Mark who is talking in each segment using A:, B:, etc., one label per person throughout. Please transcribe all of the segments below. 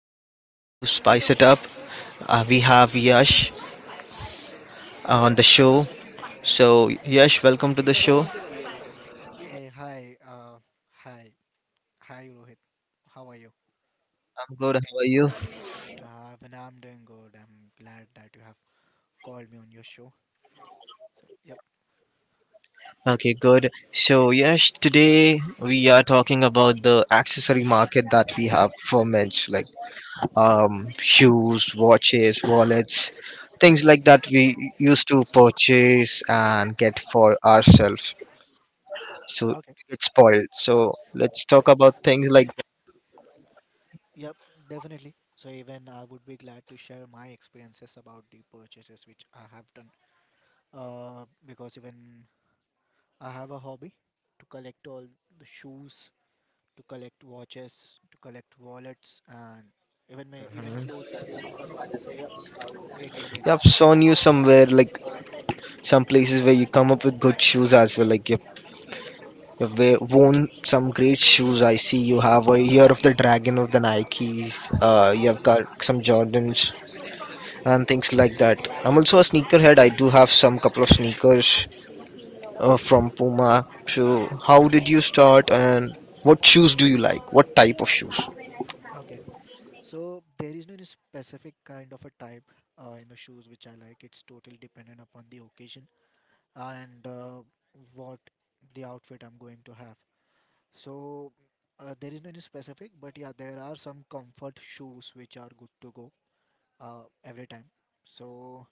A: again. Welcome to Spice It Up. We have Yash on the show. So, Yash, welcome to the show. I'm
B: Eh, hi, uh, hi, Hi, Rohit. How are you?
A: good. How are you?
B: When I'm doing good. I'm glad that you have called me on your show. So, yep,
A: Okay, good. So, Yash, today we are talking about the accessory market that we have for men's, like, shoes, watches, wallets, things like that we used to purchase and get for ourselves. So,
B: okay,
A: it's spoiled. So, let's talk about things like.
B: yep, Definitely. So, even I would be glad to share my experiences about the purchases which I have done. Because even I have a hobby to collect all the shoes, to collect watches, to collect wallets, and even clothes as well. So, yep, it will be
A: Yeah, I've
B: interesting.
A: shown you somewhere, like some places where you come up with good shoes as well. Like you've worn some great shoes. I see you have a year of the dragon of the Nikes. You have
B: Yes,
A: got some Jordans and things
B: yes.
A: like that. I'm also a sneakerhead. I do have some couple of sneakers from Puma. So how did you start, and what shoes do you like? What type of shoes?
B: Okay. So there is no any specific kind of a type in the shoes which I like. It's totally dependent upon the occasion and what the outfit I'm going to have. So there is no any specific, but yeah, there are some comfort shoes which are good to go every time. So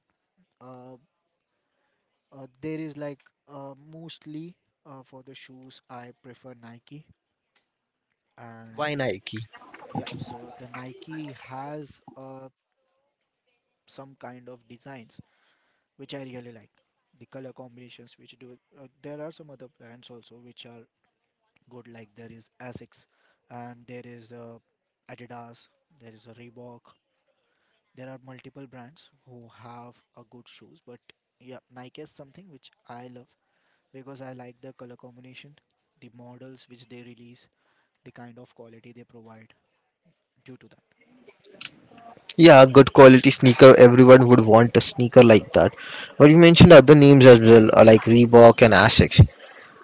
B: uh, there is like mostly For the shoes I prefer Nike. and
A: Why Nike?
B: yeah, so the Nike has some kind of designs which I really like. The color combinations which do there are some other brands also which are good, like there is Asics and there is Adidas, there is a Reebok. There are multiple brands who have a good shoes, but yeah, Nike is something which I love because I like the color combination, the models which they release, the kind of quality they provide due to that.
A: Yeah, good quality sneaker. Everyone would want a sneaker like that. But you mentioned other names as well, like Reebok and Asics.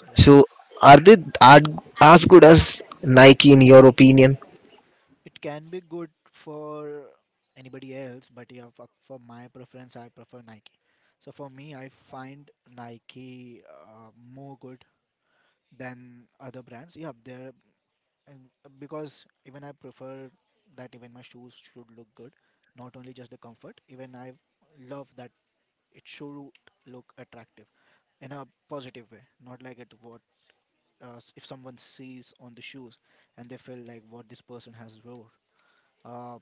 B: Yeah.
A: So are they are as good as Nike in your opinion?
B: It can be good for anybody else, but yeah, for my preference, I prefer Nike. So for me, I find Nike more good than other brands. Yeah, they're and Because even I prefer that even my shoes should look good, not only just the comfort. Even I love that it should look attractive in a positive way, not like if someone sees on the shoes and they feel like what this person has wore. Uh,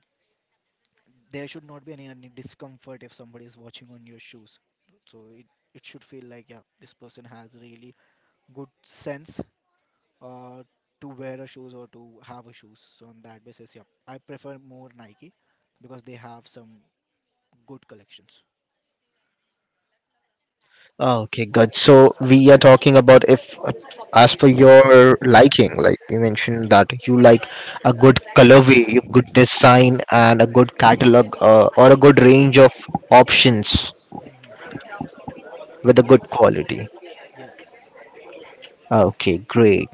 B: there should not be any discomfort if somebody is watching on your shoes, so it should feel like, yeah, this person has really good sense uh, to wear a shoes or to have a shoes. So on that basis, yeah, I prefer more Nike, because they have some good collections.
A: Ah, okay, good. So we are talking about if, as per your liking, like you mentioned
B: Yeah.
A: that you like a good colorway, you good design, and a good catalog, or a good range of options
B: Mhm.
A: with a good
B: Yes,
A: quality.
B: yes.
A: Ah, okay, great.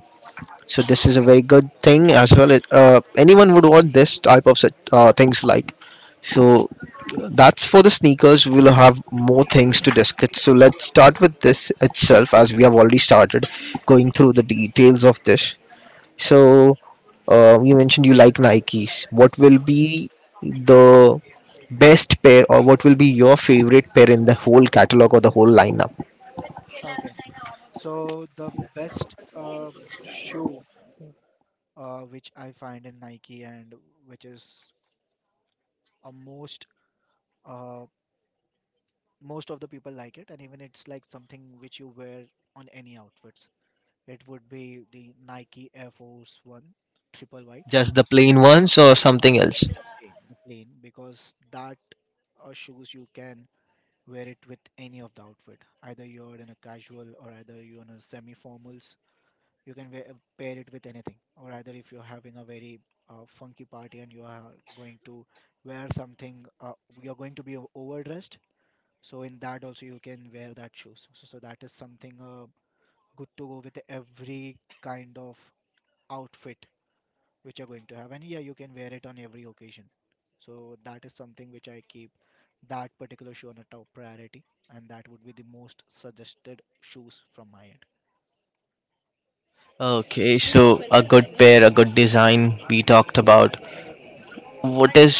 A: So this is a very good thing as well. Anyone would want this type of set, things like. So that's for the sneakers. We'll have more things to discuss. So let's start with this itself, as we have already started going through the details of this. So you mentioned you like Nikes. What will
B: Yeah.
A: be the best pair, or what will be your favorite pair in the whole catalog or the whole lineup?
B: Okay, so the best shoe which I find in Nike and which is a most uh, most of the people like it, and even it's like something which you wear on any outfits, it would be the Nike Air Force One triple white.
A: Just the plain ones, or something else?
B: The plain, because that shoes you can wear it with any of the outfit, either you're in a casual or either you're in a semi formals. You can wear, pair it with anything, or either if you're having a very funky party and you are going to wear something, you're going to be overdressed, so in that also you can wear that shoes. So that is something good to go with every kind of outfit which you're going to have. And yeah, you can wear it on every occasion. So that is something which I keep that particular shoe on a top priority, and that would be the most suggested shoes from my end.
A: Okay, so a good pair, a good design we talked about.
B: Yeah.
A: What is,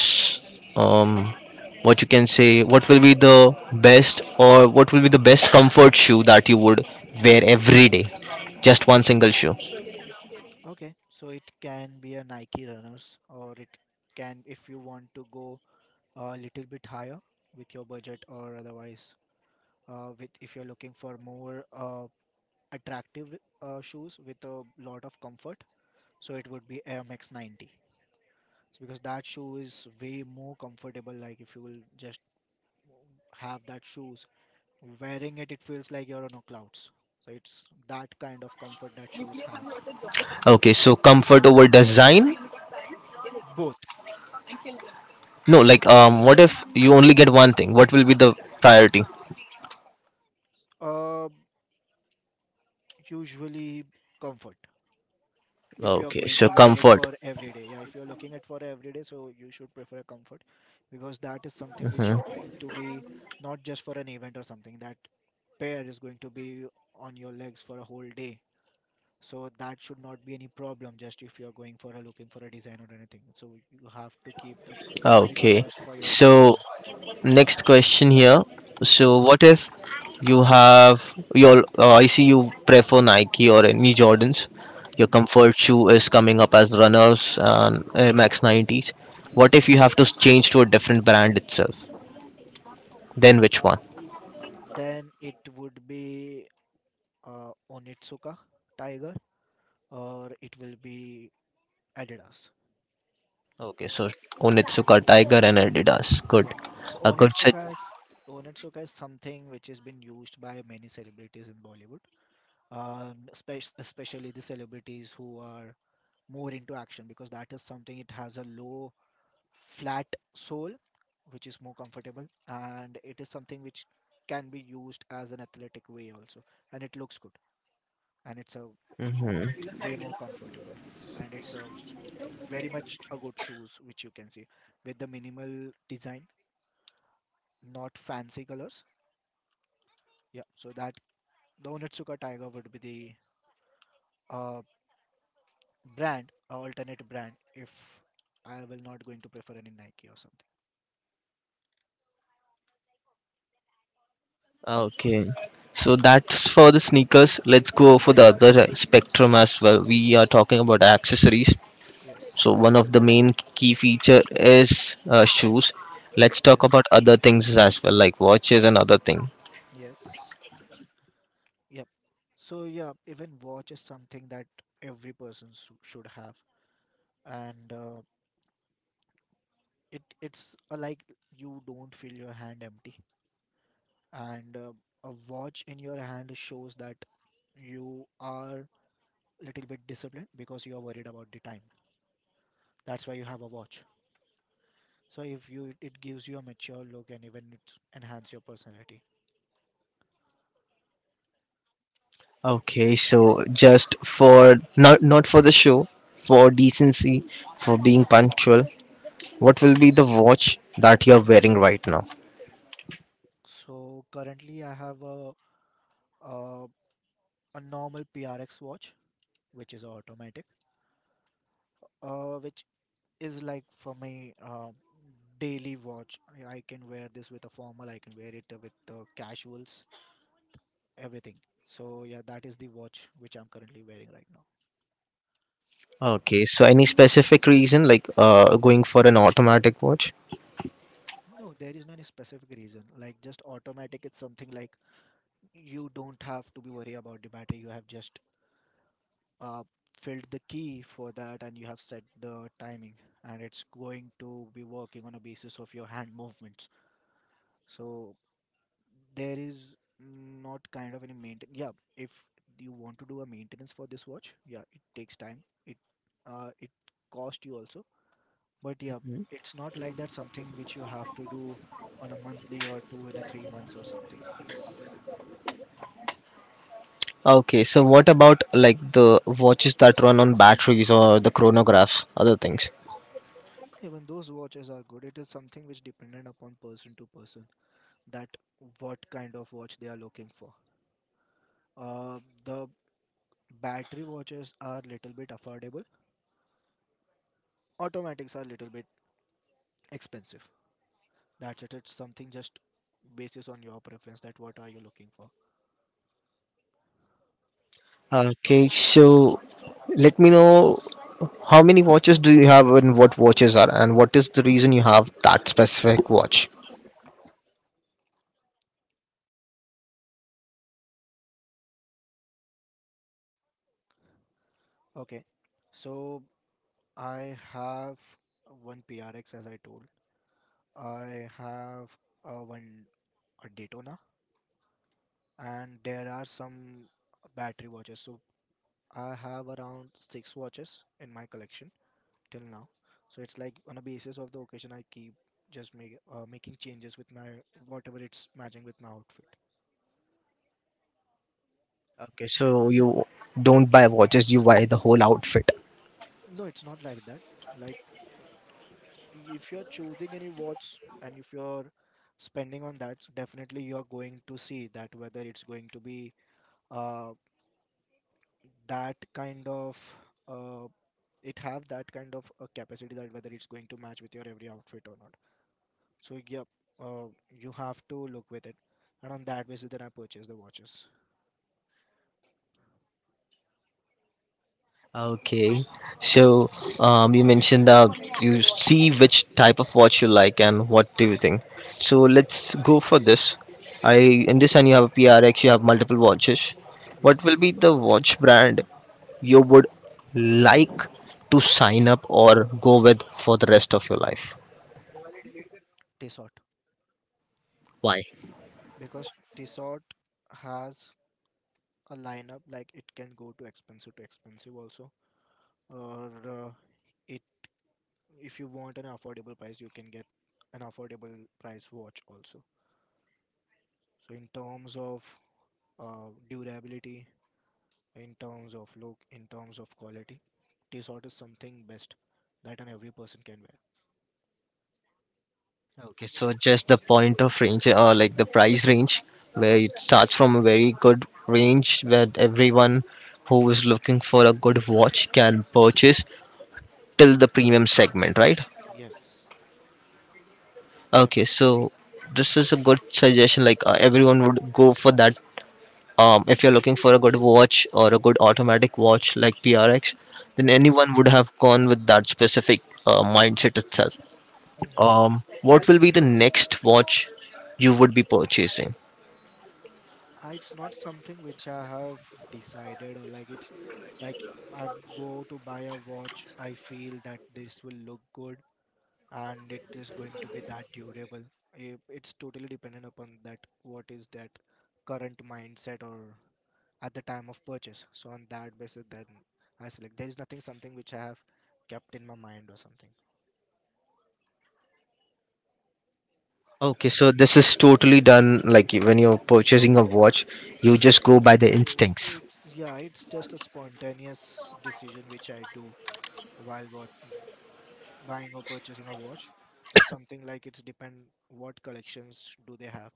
A: um what you can say, what will be the best, or what will be the best comfort shoe that you would wear every day? Just one single shoe.
B: Okay, so it can be a Nike Runners, or it can, if you want to go a little bit higher with your budget, or otherwise, with if you're looking for more attractive shoes with a lot of comfort, so it would be Air Max 90. So because that shoe is way more comfortable. Like if you will just have that shoes, wearing it, it feels like you're on a clouds. So it's that kind of comfort that shoes has.
A: Okay, so comfort over design?
B: Both.
A: No, like, what if you only get one thing? What will be the priority?
B: uh, Usually comfort. If you're
A: Okay,
B: going
A: so
B: to wear it
A: comfort.
B: for every day, yeah. If you're looking at for every day, so you should prefer comfort, because that is something which you're
A: Hmm.
B: going to be not just for an event or something. That pair is going to be on your legs for a whole day, so that should not be any problem. Just if you're going for a looking for a design or anything, so you have to keep the priority
A: Okay.
B: first for your daily
A: So
B: wear.
A: next question here. So,
B: Yes.
A: what if you have your? I see you prefer Nike or any Jordans. Your
B: Mhm,
A: comfort shoe is coming up as runners and Air
B: mhm.
A: Max 90s. What
B: Yes.
A: if you have to change to a different brand itself? Then which
B: uh,
A: one?
B: then it would be Onitsuka Tiger, or it will be Adidas.
A: Okay, so Onitsuka Tiger and Adidas.
B: Yes,
A: Good.
B: yeah. so
A: A good set.
B: onitsuka is Onitsuka is something which has been used by many celebrities in Bollywood, especially the celebrities who are more into action, because that is something, it has a low flat sole, which is more comfortable, and it is something which can be used as an athletic way also, and it looks good, and a
A: Hmm.
B: way more comfortable, and it's a very much a good shoes which you can see with the minimal design, not fancy colors. Yeah, so that the Onitsuka Tiger would be the alternate brand, if I will not going to prefer any Nike or something.
A: Okay. So that's for the sneakers. Let's go for the other spectrum as well. We are talking about accessories.
B: Yes,
A: So one of the main key feature is, shoes. Let's talk
B: yes,
A: about other things as well, like watches and other thing.
B: yes. Yep. So yeah, even watch is something that every person should have, and it it's like you don't feel your hand empty, and a watch in your hand shows that you are little bit disciplined, because you are worried about the time. That's why you have a watch. So if you, it gives you a mature look and even it enhance your personality.
A: Okay, so just for not for the show, for decency, for being punctual, what will be the watch that you're wearing right now?
B: So currently I have a, a normal PRX watch which is automatic, which is like for my daily watch. I can wear this with a formal, I can wear it with the casuals, everything. So yeah, that is the watch which I'm currently wearing right now.
A: Okay, so any specific reason, like going for an automatic watch?
B: No, there is no any specific reason. Like just automatic, it's something like you don't have to be worried about the battery. You have just uh, filled the key for that and you have set the timing, and it's going to be working on a basis of your hand movements. So there is not kind of any maintain. Yeah, if you want to do a maintenance for this watch, yeah, it takes time, it cost you also, but yeah,
A: Hmm.
B: it's not like that something which you have to do on a monthly or two in a 3 months or something.
A: Okay, so what about like the watches that run on batteries, or the chronographs, other things?
B: Even those watches are good. It is something which dependent upon person to person, that what kind of watch they are looking for. Uh the battery watches are little bit affordable, automatics are little bit expensive. That's it. It's something just basis on your preference that what are you looking for.
A: Okay, so let me know. How many watches do you have, and what watches are, and what is the reason you have that specific watch?
B: Okay. So I have one PRX as I told. I have one a Daytona, and there are some battery watches. So I have around 6 watches in my collection till now. So it's like on a basis of the occasion I keep just making changes with my, whatever it's matching with my outfit.
A: Okay, so you don't buy watches, you buy the whole outfit.
B: No, it's not like that. Like, if you're choosing any watch and if you're spending on that, so definitely you're going to see that whether it's going to be uh, that kind of uh, it have that kind of a capacity, that whether it's going to match with your every outfit or not. So yep, you have to look with it, and on that basis, then I purchase the watches.
A: Okay, so, you mentioned that you see which type of watch you like and what do you think. So let's go for this. I understand you have a PRX, you have multiple watches. What will
B: Yes.
A: be the watch brand you would like to sign up or go with for the rest of your life?
B: Tissot.
A: Why?
B: Because Tissot has a lineup, like it can go to expensive also, or if you want an affordable price, you can get an affordable price watch also. So in terms of durability, in terms of look, in terms of quality, Tissot is something best that an every person can wear.
A: Okay, so just the point of range, or like the price range, where it starts from a very good range that everyone who is looking for a good watch can purchase, till the premium segment, right?
B: Yes,
A: Okay,
B: definitely.
A: so this is a good suggestion. Like, everyone would go for that. If you're looking for a good watch or a good automatic watch like PRX, then
B: Mhm,
A: anyone would have gone with that specific, mindset itself.
B: mhm.
A: What will be the next watch you would be purchasing?
B: It's not something which I have decided, or like it's like I go to buy a watch, I feel that this will look good and it is going to be that durable. It's totally dependent upon that what is that current mindset or at the time of purchase. So on that basis, then I select. There is nothing something which I have kept in my mind or something.
A: Okay, so this is totally done like, you- when you're purchasing a watch, you just go by the
B: Eh,
A: instincts.
B: It's just a spontaneous decision which I do while what buying or purchasing a watch. It's something like it's depend what collections do they have,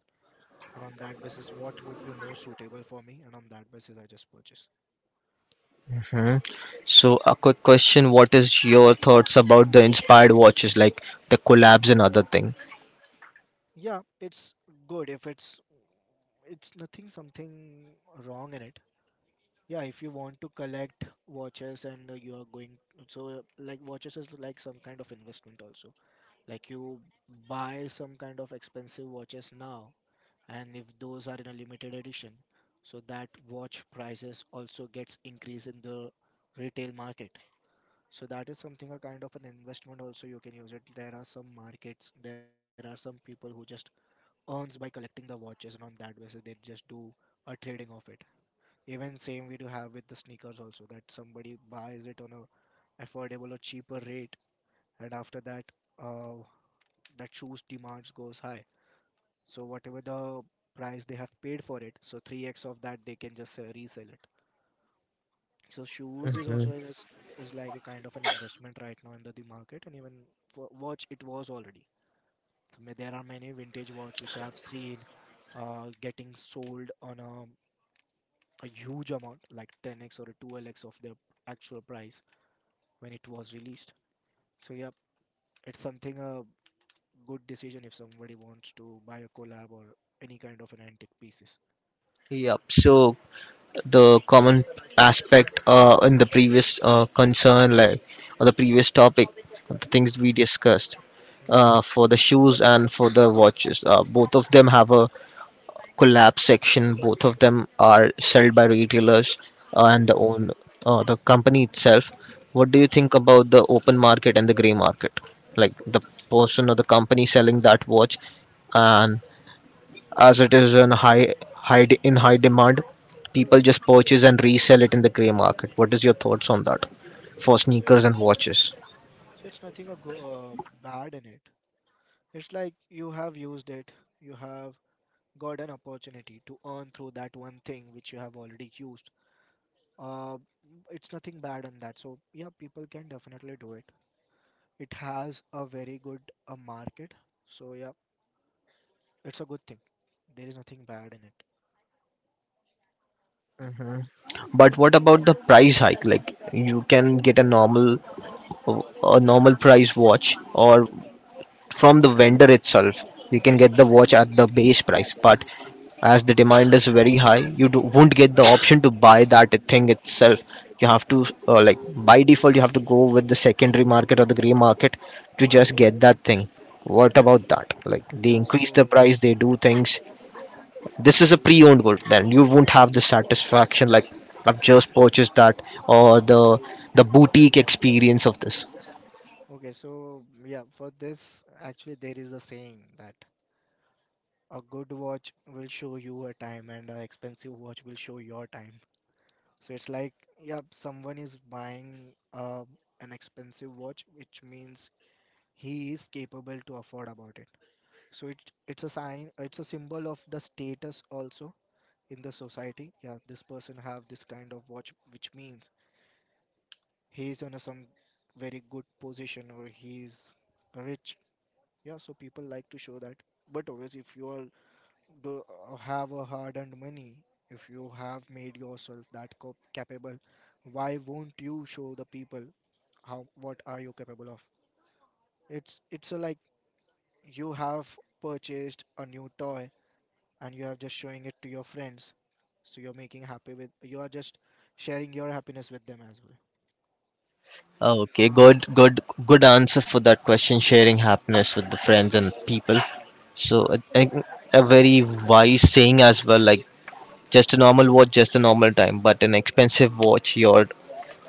B: and on that basis, what would be more suitable for me, and on that basis, I just purchase.
A: Hmm. So, a quick question. What is your thoughts about the inspired watches, like the collabs and other thing?
B: Yeah, it's good if it's nothing something wrong in it. Yeah, if you want to collect watches and you are going, so like watches is like some kind of investment also. Like you buy some kind of expensive watches now, and if those are in a limited edition, so that watch prices also gets increase in the retail market. So that is something a kind of an investment also you can use it. There are some markets, there are some people who just earns by collecting the watches, and on that basis they just do a trading of it. Even same we do have with the sneakers also, that somebody buys it on a affordable or cheaper rate, and after that uh, that shoes demands goes high. So whatever the price they have paid for it, so 3x of that they can just resell it. So shoes is also
A: Mhm.
B: is like a kind of an investment right now in the market. And even for watch it was already. There are many vintage watch which I've seen getting sold on a huge amount, like 10x or a 2lx of the actual price when it was released. So yeah, it's something a good decision if somebody wants to buy a collab or any kind of an antique pieces.
A: Yep. So the common aspect, in the previous, concern, like, or the previous topic, the things
B: Mhm,
A: we discussed
B: mhm, mhm.
A: for the shoes and for the watches, both of them have a collapse section. Both of them are sold by retailers and the
B: Yes.
A: own, the company itself. What do
B: Mhm.
A: you think about the open market and the gray market? Like the person or the company selling that watch, and as it is in high demand, people just purchase and resell it in the gray market. What is your thoughts on that, for
B: So
A: sneakers
B: it's
A: and watches?
B: so it's nothing bad in it. It's like you have used it, you have got an opportunity to earn through that one thing which you have already used. uh, it's nothing bad on that, so yeah, people can definitely do it. It has a very good market. So yeah, it's a good thing. There is nothing bad in it.
A: But what about the price hike? Like you can get a normal price watch, or from the vendor itself. You can get the watch at the base price, but as the demand is very high, you won't get the option to buy that thing itself. You have to, like, by default you have to go with the secondary market or the gray market to just get that thing. What about that? Like they
B: Yeah,
A: increase the
B: so.
A: price, they do things. This is a pre-owned world. Then you won't have the satisfaction, like I've just purchased that, or the boutique experience of this.
B: Okay, so yeah, for this actually there is a saying that a good watch will show you a time and an expensive watch will show your time. So it's like, yeah, someone is buying an expensive watch, which means he is capable to afford about it. So it's a sign, it's a symbol of the status also in the society. Yeah, this person have this kind of watch, which means he is on a, some very good position or he is rich. Yeah, so people like to show that. But always if you are do have a hard earned money, if you have made yourself that capable, why won't you show the people how what are you capable of. It's a like you have purchased a new toy, and you are just showing it to your friends. So you're making happy with, you are just sharing your happiness with them as well.
A: Okay, good, good, good answer for that question. Sharing happiness with the friends and people.
B: Mm.
A: So I think a very wise saying as well. Like, just a normal watch, just a normal time, but an expensive watch. Your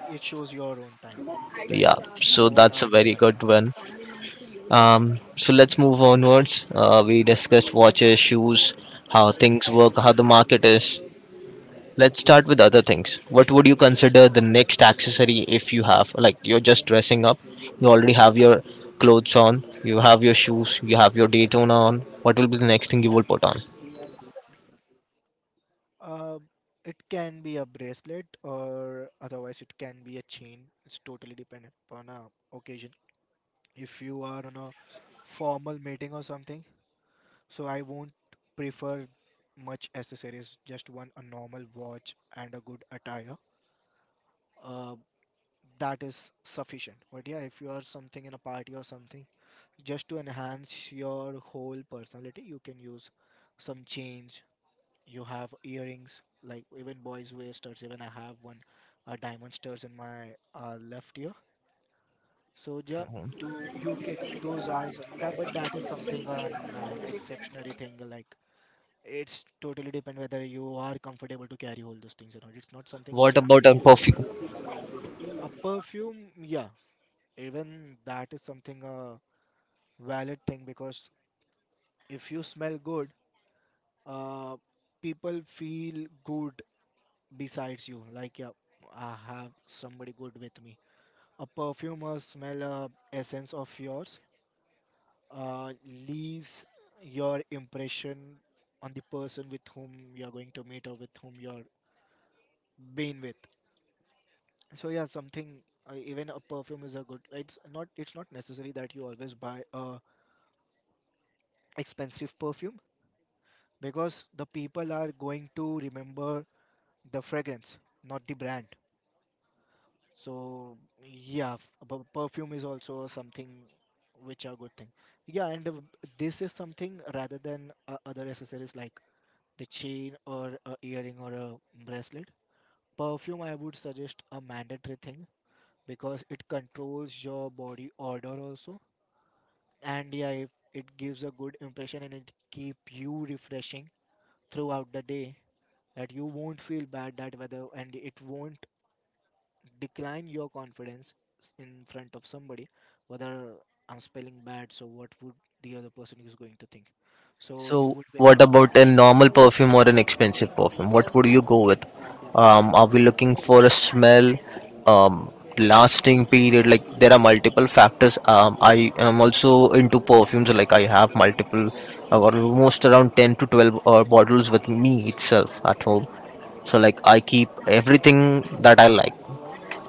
B: It shows your own time, that
A: yeah. So
B: what
A: that's
B: are
A: a
B: you
A: very
B: right
A: good
B: now.
A: one.
B: Yes.
A: So let's move onwards. We discussed watches, shoes, how
B: Hmm.
A: things work, how the market is.
B: Hmm.
A: Let's start with other things. What would you consider the next accessory if you have? Like, you're just dressing up, you already have your clothes on, you have your shoes, you have your Daytona on. What will be the next thing you will put on?
B: Uh, it can be a bracelet or otherwise it can be a chain. It's totally dependent upon a occasion. If you are on a formal meeting or something, so I won't prefer much accessories, just one a normal watch and a good attire. uh, that is sufficient. But yeah, if you are something in a party or something, just to enhance your whole personality, you can use some change. You have earrings, like even boys wear studs. Even I have one, a diamond studs in my left ear. So yeah, to you get those are some that, but that is something an exceptionary thing. Like it's totally depend whether you are comfortable to carry all those things or not. It's not something which
A: What
B: I'm
A: about a
B: making.
A: perfume?
B: A perfume, yeah, even that is something. Valid thing, because if you smell good, uh, people feel good besides you. Like, yeah, I have somebody good with me. A perfumer smell a essence of yours uh, leaves your impression on the person with whom you're going to meet or with whom you're being with. So yeah, something even a perfume is a good. It's not. It's not necessary that you always buy a expensive perfume, because the people are going to remember the fragrance, not the brand. So yeah, perfume is also something which are good thing. Yeah, and this is something rather than other accessories like the chain or a earring or a bracelet. Perfume I would suggest a mandatory thing, because it controls your body odor also. And yeah, if it gives a good impression and it keep you refreshing throughout the day, that you won't feel bad that weather and it won't decline your confidence, in front of somebody, whether I'm spelling bad, so what would the other person is going to think. So you
A: So,
B: would be
A: what
B: that
A: about a
B: carefree.
A: normal perfume or an expensive perfume? What would you go with? Are we looking for a smell, um, lasting period? Like, there are multiple factors. I am also into perfumes. Like, I have multiple, or almost around 10 to 12 bottles with me itself at home. So like I keep everything that I like.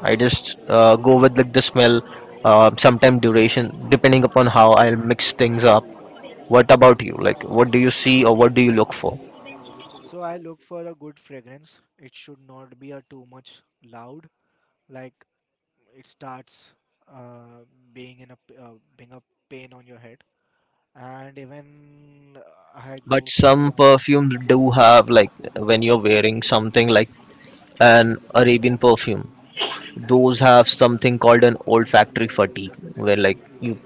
A: I just go with like the smell, sometime duration, depending upon how I'll mix things up. What about you? Like, what do you see or what do you look for?
B: So I look for a good fragrance. It should not be a too much loud, like it starts uh, being in a being a pain on your head. And even I go
A: But
B: for a
A: some
B: long lasting.
A: perfumes do have, like, when you're wearing something like an Arabian perfume, those have something called an olfactory fatigue, where, like, you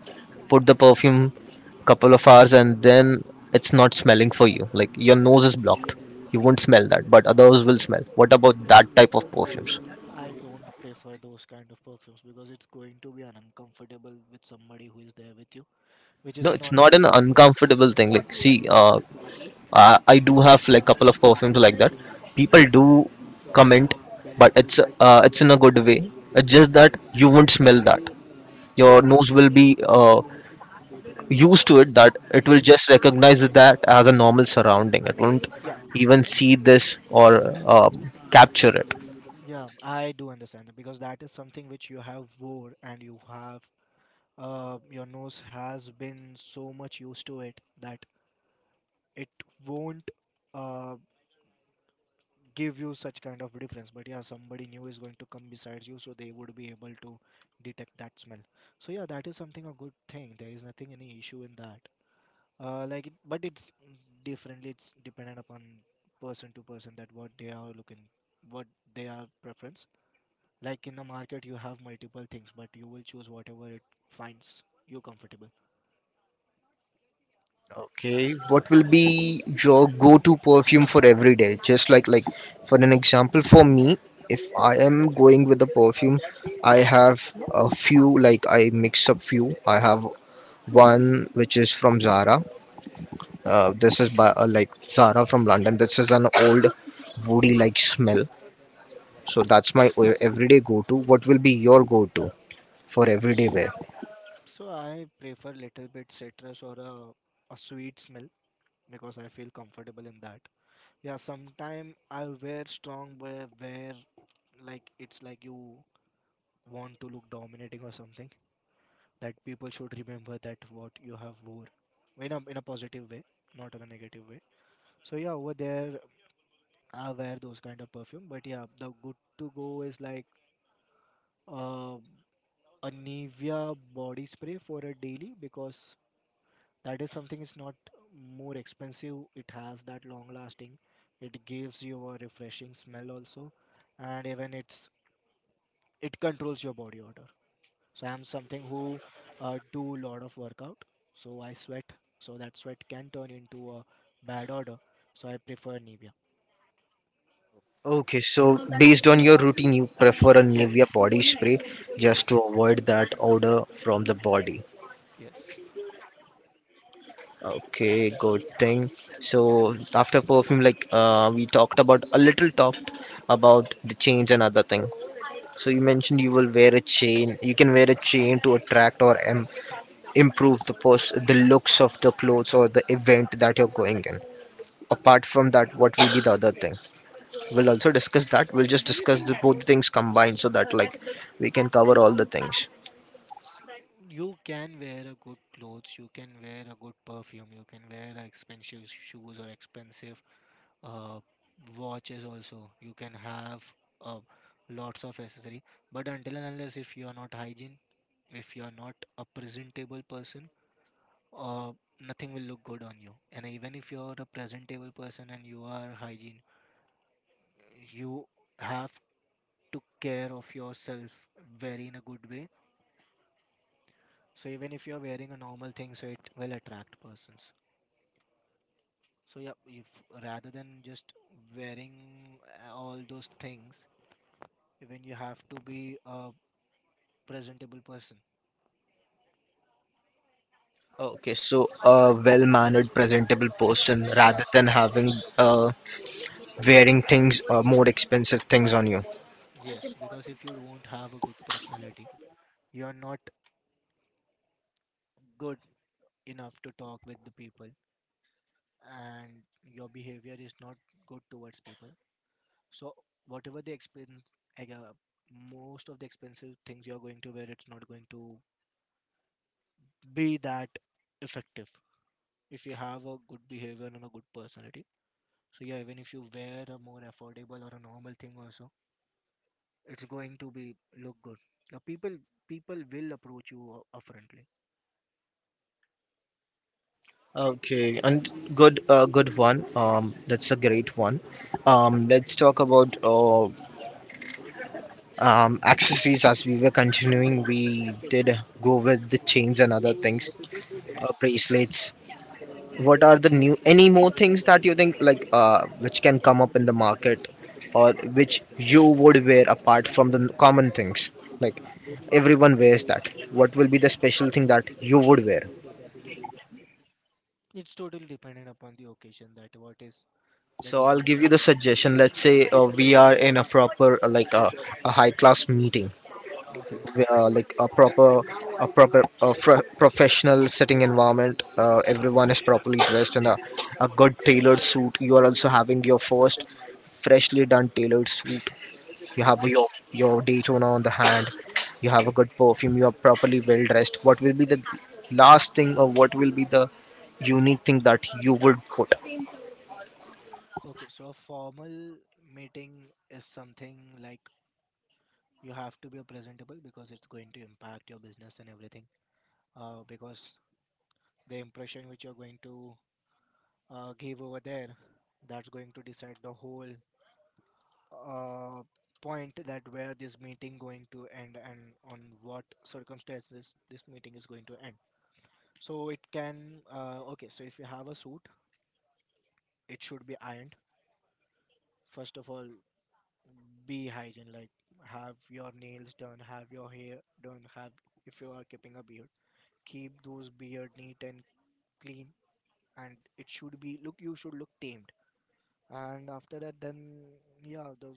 A: put the perfume couple of hours and then it's not smelling for you. Like, your nose is blocked. You won't smell that, but others will smell. What about that type of perfumes?
B: I don't prefer those kind of perfumes because it's going to be an uncomfortable with somebody who is there with you, which
A: No,
B: is
A: it's
B: not a
A: not
B: good
A: an
B: thing.
A: uncomfortable thing. Like, see, I do have like couple of perfumes like that. People do comment, but it's in a good way. It's just that you won't smell that.
B: Yeah,
A: Your nose will be, used to it. That it will
B: yes,
A: just recognize that as a normal surrounding. It won't
B: yeah,
A: even see this, or capture it.
B: yeah. I do understand that because that is something which you have wore, and you have your nose has been so much used to it that it won't uh give you such kind of difference. But yeah, somebody new is going to come besides you, so they would be able to detect that smell. So yeah, that is something a good thing. There is nothing any issue in that. Like, it, but it's differently. It's dependent upon person to person, that what they are looking, what they are preference. Like in the market, you have multiple things, but you will choose whatever it finds you comfortable.
A: Okay, what will be your go-to perfume for every day? Just like, for an example, for me, if I am going with a perfume, I have a few, like I mix up few. I have one which is from Zara. This is by, like, Zara from London. This is an old woody like smell. So that's my everyday go-to. What will be your go-to for everyday wear?
B: So I prefer little bit citrus or a sweet smell, because I feel comfortable in that. Yeah, sometime I wear strong wear, where like it's like you want to look dominating or something. That people should remember that what you have wore in a positive way, not in a negative way. So yeah, over there I wear those kind of perfume. But yeah, the good to go is like. Uh, a Nivea body spray for a daily, because that is something is not more expensive. It has that long lasting. It gives you a refreshing smell also, and even it controls your body odor. So I'm something who do a lot of workout. So I sweat. So that sweat can turn into a bad odor. So I prefer Nivea.
A: Okay, so based on your routine, you prefer a Nivea
B: Yes.
A: body spray just
B: Yes.
A: to avoid that odor from the body.
B: Yes.
A: Okay, good thing. So after perfume, like, we talked about a little, talked about the chains and other thing. So you mentioned you will wear a chain. You can wear a chain to attract, or improve the the looks of the clothes or the event that you're going in. Apart from that, what will be the other thing? We'll also discuss that. We'll just discuss the both things combined so that, like, we can cover all the things.
B: You can wear a good clothes, you can wear a good perfume, you can wear a expensive shoes or expensive uh, watches also. You can have uh, lots of accessory, but until and unless if you are not hygiene, if you are not a presentable person, uh, nothing will look good on you. And even if you are a presentable person and you are hygiene, you have to care of yourself very in a good way. So even if you are wearing a normal thing, so it will attract persons. So yeah, if rather than just wearing all those things, even you have to be a presentable person.
A: Okay, so a well-mannered, presentable person
B: Yes.
A: rather than having, uh, wearing things, more expensive things on you.
B: Yes, because if you don't have a good personality, you're not good enough to talk with the people, and your behavior is not good towards people. So whatever the expense, like, most of the expensive things you're going to wear, it's not going to be that effective. If you have a good behavior and a good personality, so yeah, even if you wear a more affordable or a normal thing also, it's going to be look good. Uh, people people will approach you upfrontly.
A: Okay, and good, good one. That's a great one. Let's talk about, accessories. As we were continuing, we did go with the chains and other things,
B: Hmm.
A: bracelets. What are the new any more things that you think, like, which can come up in the market, or which you would wear apart from the common things, like everyone wears, that what will be the special thing that you would wear?
B: It's totally dependent upon the occasion, that what is the
A: So I'll
B: demand
A: give you the
B: or.
A: suggestion. Let's say,
B: Yeah.
A: we are in a proper, like, a high class meeting,
B: Okay.
A: like a proper, professional sitting environment. Everyone is properly dressed in a good tailored suit. You are also having your first freshly done tailored suit. You have
B: Hmm.
A: your Daytona on the hand. You have a good perfume. You are properly well dressed. What will be the last thing, or what will be the unique thing that you would put?
B: Okay. So a formal meeting is something like you have to be presentable, because it's going to impact your business and everything. Because the impression which you're going to give over there, that's going to decide the whole uh, point, that where this meeting going to end and on what circumstances this meeting is going to end. So it can okay, so if you have a suit, it should be ironed, first of all. Be hygiene, like have your nails done, have your hair done, have if you are keeping a beard, keep those beard neat and clean. And it should be look, you should look tamed. And after that, then yeah, the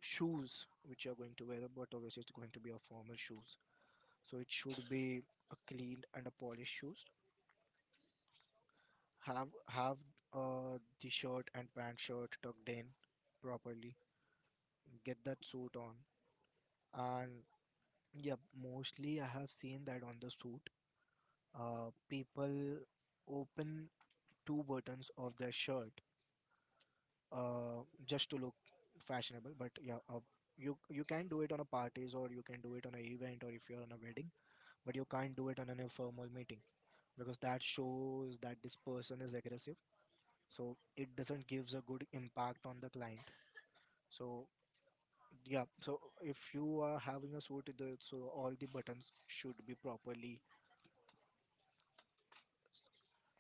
B: shoes which you're going to wear, but obviously it's going to be a formal shoes. So it should be a cleaned and a polished shoes. Have the shirt and pant, shirt tucked in properly, get that suit on. And yeah, mostly I have seen that on the suit, people open two buttons of their shirt, just to look fashionable. But yeah, you can do it on a parties or you can do it on an event or if you're on a wedding. But you can't do it on an informal meeting, because that shows that this person is aggressive, so it doesn't gives a good impact on the client. So yeah, so if you are having a suit the, so all the buttons should be properly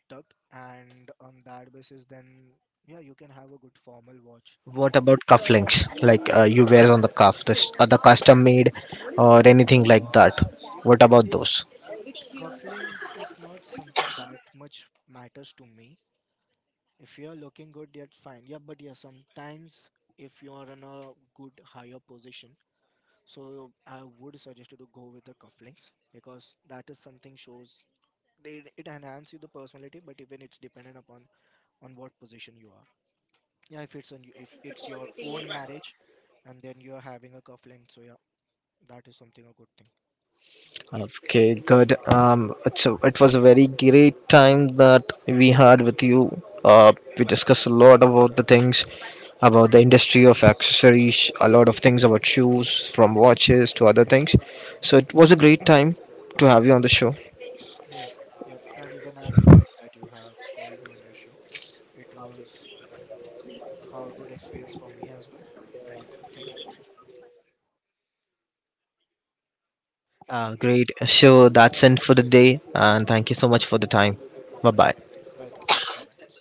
B: tucked. And on that basis then, yeah, you can have a good formal watch.
A: What about cufflinks, like, you wear on the cuff this other custom made, or anything like that? What about
B: It
A: those?
B: cufflinks is not something that much matters to me. If you are looking good, that's fine. Yeah, but yeah, sometimes if you are in a good higher position, so I would suggest you to go with the cufflinks, because that is something shows, they, it enhances you the personality. But even it's dependent upon on what position you are. Yeah, if it's on you, if it's your own marriage and then you're having a cufflink, so yeah, that is something a good thing.
A: Okay, good. It was a very great time that we had with you. We discussed a lot about the things, about the industry of accessories, a lot of things about shoes, from watches to other things. So
B: Hmm.
A: it was a great time to have you on the show.
B: Yep. Yep, and even I'm glad that you have called me on your show. It was a good experience for me as well. And yeah, thank you.
A: Great. So that's it for the day, and thank you so much for the time. Bye bye.
B: Welcome, yeah, bye bye.